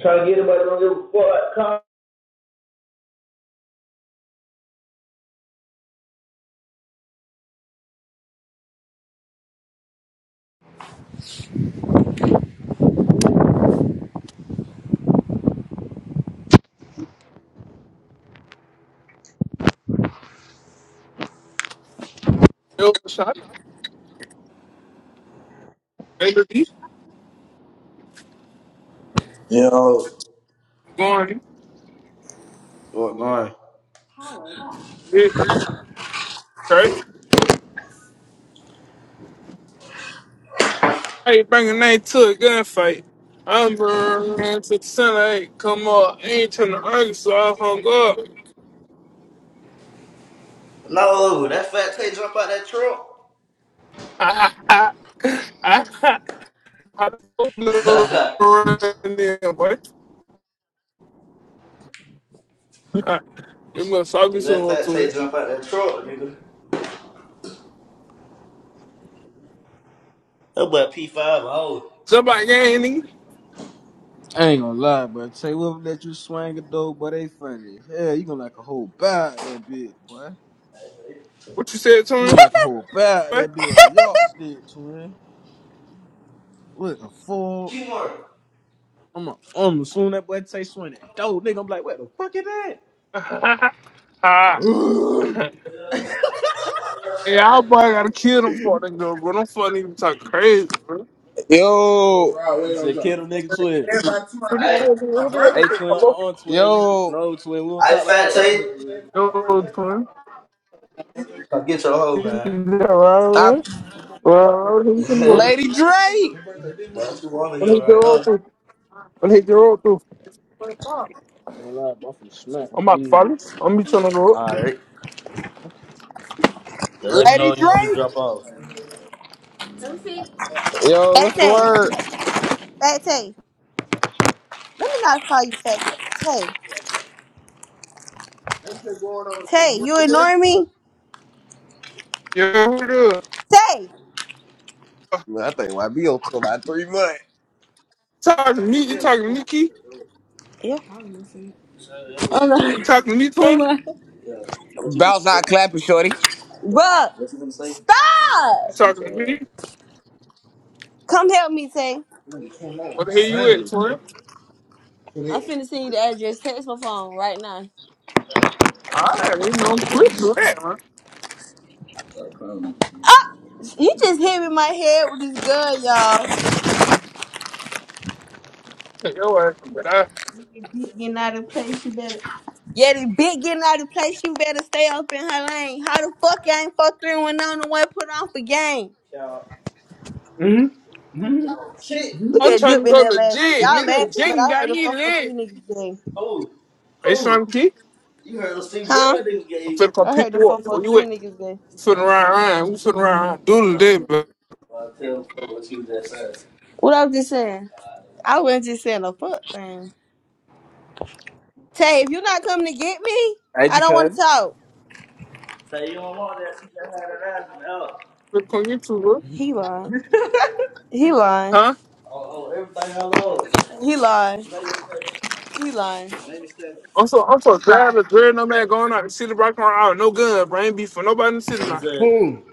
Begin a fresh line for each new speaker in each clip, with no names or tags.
Trying to get everybody on your butt, come.
Yo, shot. baby. Luis.
Yo, what's
Going.
going on?
Yeah. Church. bring a that to a gunfight. I'm burning to the tonight. Come on. I Ain't trying to argue, so I hung up.
No, that fat Tay jump out that truck.
Ha ha ha. ha ha I don't know around there, boy. Ah, You must talk me
Nigga, that
so much
fat
to
Tay
it.
jump out that truck, nigga. That boy P5, oh.
Somebody gang, nigga.
I ain't gonna lie, bro. Tay will let you swing a dope, but they funny. Hell, you gonna like a whole bag of that bitch, boy.
What you said to
You
him?
gonna like a whole bag of
boy?
that bitch with a yardstick, twin. With a fork.
Keymore.
I'm a, I'm soon that boy Tay swing that dope, nigga. I'm like, what the fuck is that?
Ha ha ha! Ha.
Ugh.
Ha. Yeah, I probably gotta kill them for that girl, bro. Don't fucking even talk crazy, bro.
Yo,
he said, kill them nigga, twin.
Who the
I,
fuck- who
Hey, twin,
the fuck-
on twin, Rep-
yo,
no twin. We don't
I
talk like
fat
that right
Tay.
here, twin.
road for him.
Come get your hoe, man.
I,
Alright, alright. He's gonna go
Lady Drake,
That's who wanna
on
hear
his
right
road
now.
too. On his road too. I'm
I'm gonna lie, but I'm finna smack one of
about to
these.
follow.
bitches.
I'm be trying to go up.
Alright. let me know
Lady
when you want me to
Drake.
drop off.
Yo,
Fat
what's the
Tay.
word?
Fat Tay. Let me not call you Fat Tay. Tay. Tay, you ignoring me?
Yeah,
Tay.
Man, I think YB on tour about three months.
talking to me? You talking to Nikki?
Yep. Oh no.
You talking to me,
Never
twin?
mind. Yeah. What you finna
Bounce out clapping, shorty.
Bruh. What you finna say? Stop!
You
Shoot
talking to
your ass.
me?
Come help me, Tay.
What the hell you at, twin?
I'm finna send you the address. Text my phone right now.
Alright, you know I'm quick
Oh,
to that, man.
no. He just hit me in my head with his gun, y'all.
Yo, ass, but I,
Yeti Big getting out of place, you better. Yeah, the big getting out of place, you better stay up in her lane. How the fuck you ain't fuck three one on the one put on for game? You ain't put on shit. Look
I'm
at
trying
Dip
to
in
go
there laughing.
legit.
Y'all
Nigga,
laughing, but
Jing
I
got
heard the
me
four four three
lit.
niggas game. Who?
Are you
Who?
trying to kick?
You heard those things Huh? that niggas
I'm
gay.
finna come
I heard
pick
the
you up. Where you
443
at? You
niggas gay.
finna ride
Stop
around. We finna ride around. Do
uh,
the
uh,
day, bro.
well, tell them what you just said. What I was just saying? I wasn't just saying a fuck thing. Tay, if you're not coming to get me,
Hey,
I don't want
Jacob.
to talk.
Say you don't want that. You just had it out and up.
Can you two Look on YouTube, bro.
He lying. He lying.
Huh?
Oh, oh, everything I love. He lying. Lady Stephen. He lying. Lady Stephen.
I'm so I'm so tired of dread no man going out and see the rock around out, no gun, bro. Ain't be for nobody in the city
What he
now.
said?
Boom.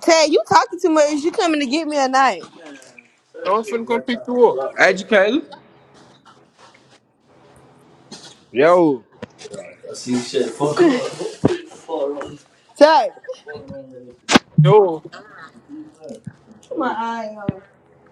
Tay, you talking too much. You coming to get me at night? Say
Yo,
that
I'm
shit
finna
one
come
more time.
pick you up.
Drop
Hey,
for you.
Jacob. Yo,
See shit. Fuck around.
Yo,
My eye on.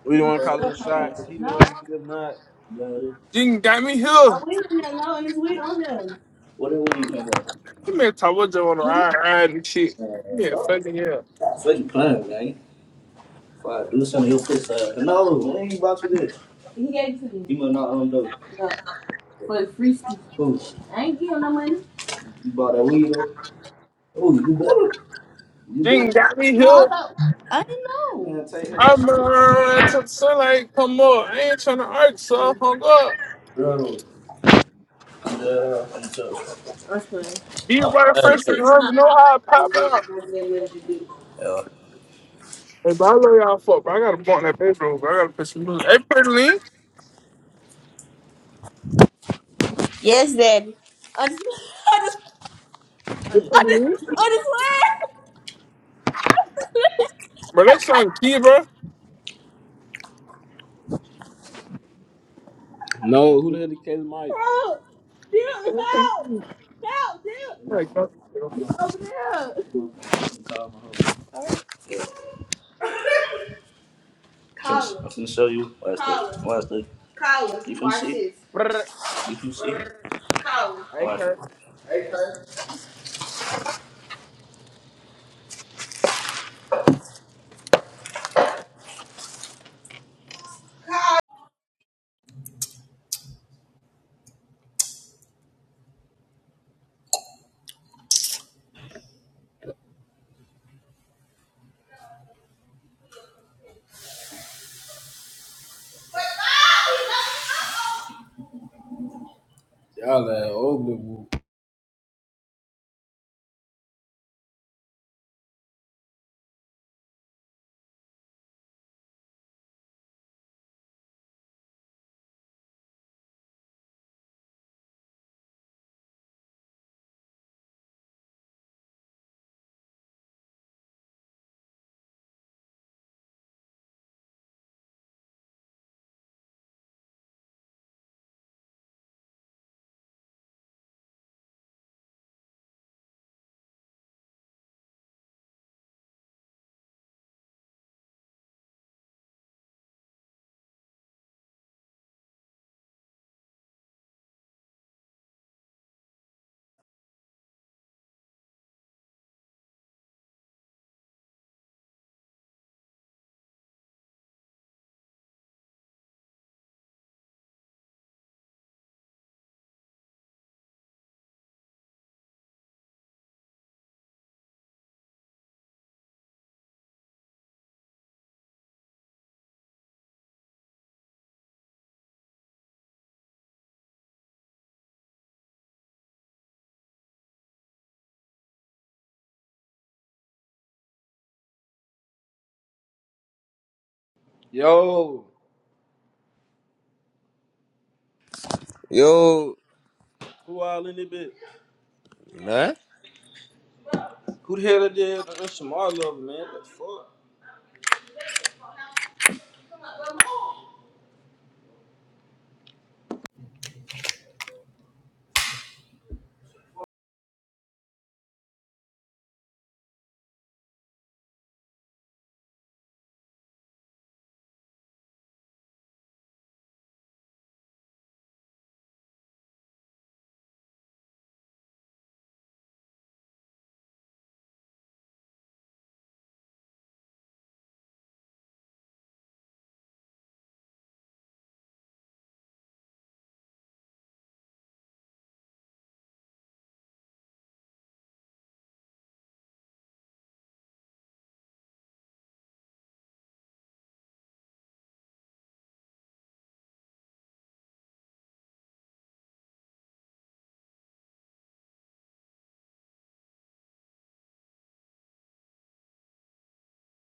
we the one calling the shots. He the
No,
one that's if not.
Yeah, yeah.
Jing got me
my
here.
weed in there. No, and it's weed on there. What are we talking about?
You man talk about you on the ride, ride and shit.
Man,
Yeah,
stop,
fucking yeah.
stop fucking playing, man. If I do something, he'll piss out. No, man, he bought you this. He gave it to me. He must not own those. No, for the free stuff. Who? I ain't give him no money. You bought that weed, though? Oh, you better. You
Jing
did.
got me
No,
here.
I thought I didn't know. Man, take him that
I'm
shit.
uh, to the sunlight come up. I ain't trying to argue, so I hung up.
Girl, yeah, I'm tough. That's fine.
Be by the first thing I know how I pop out.
Yeah.
Hey, bro, I love y'all fuck, bro. I gotta bump that bedroom, bro. I gotta put some music. Hey, pretty lean.
Yes, Daddy. I just, I just,
Hey,
I
pretty
just,
lean.
I just went.
Bro, that song key, bro.
No, who the hell is Caleb Mike?
Bro, Dude,
Well, it ain't
help!
too
Help, dude!
much, huh?
Open it up. All right. Colin. I'm finna Collar, show you. Watch this. collar, Watch this. collar. You can Watch see. this.
Brr.
You can see. Collar.
Hey,
Watch.
Kurt. Y'all that old nigga. Yo,
Yo,
who all in it, bitch?
nah.
Who the hell that did that? That's Shamar Love, man. What the fuck?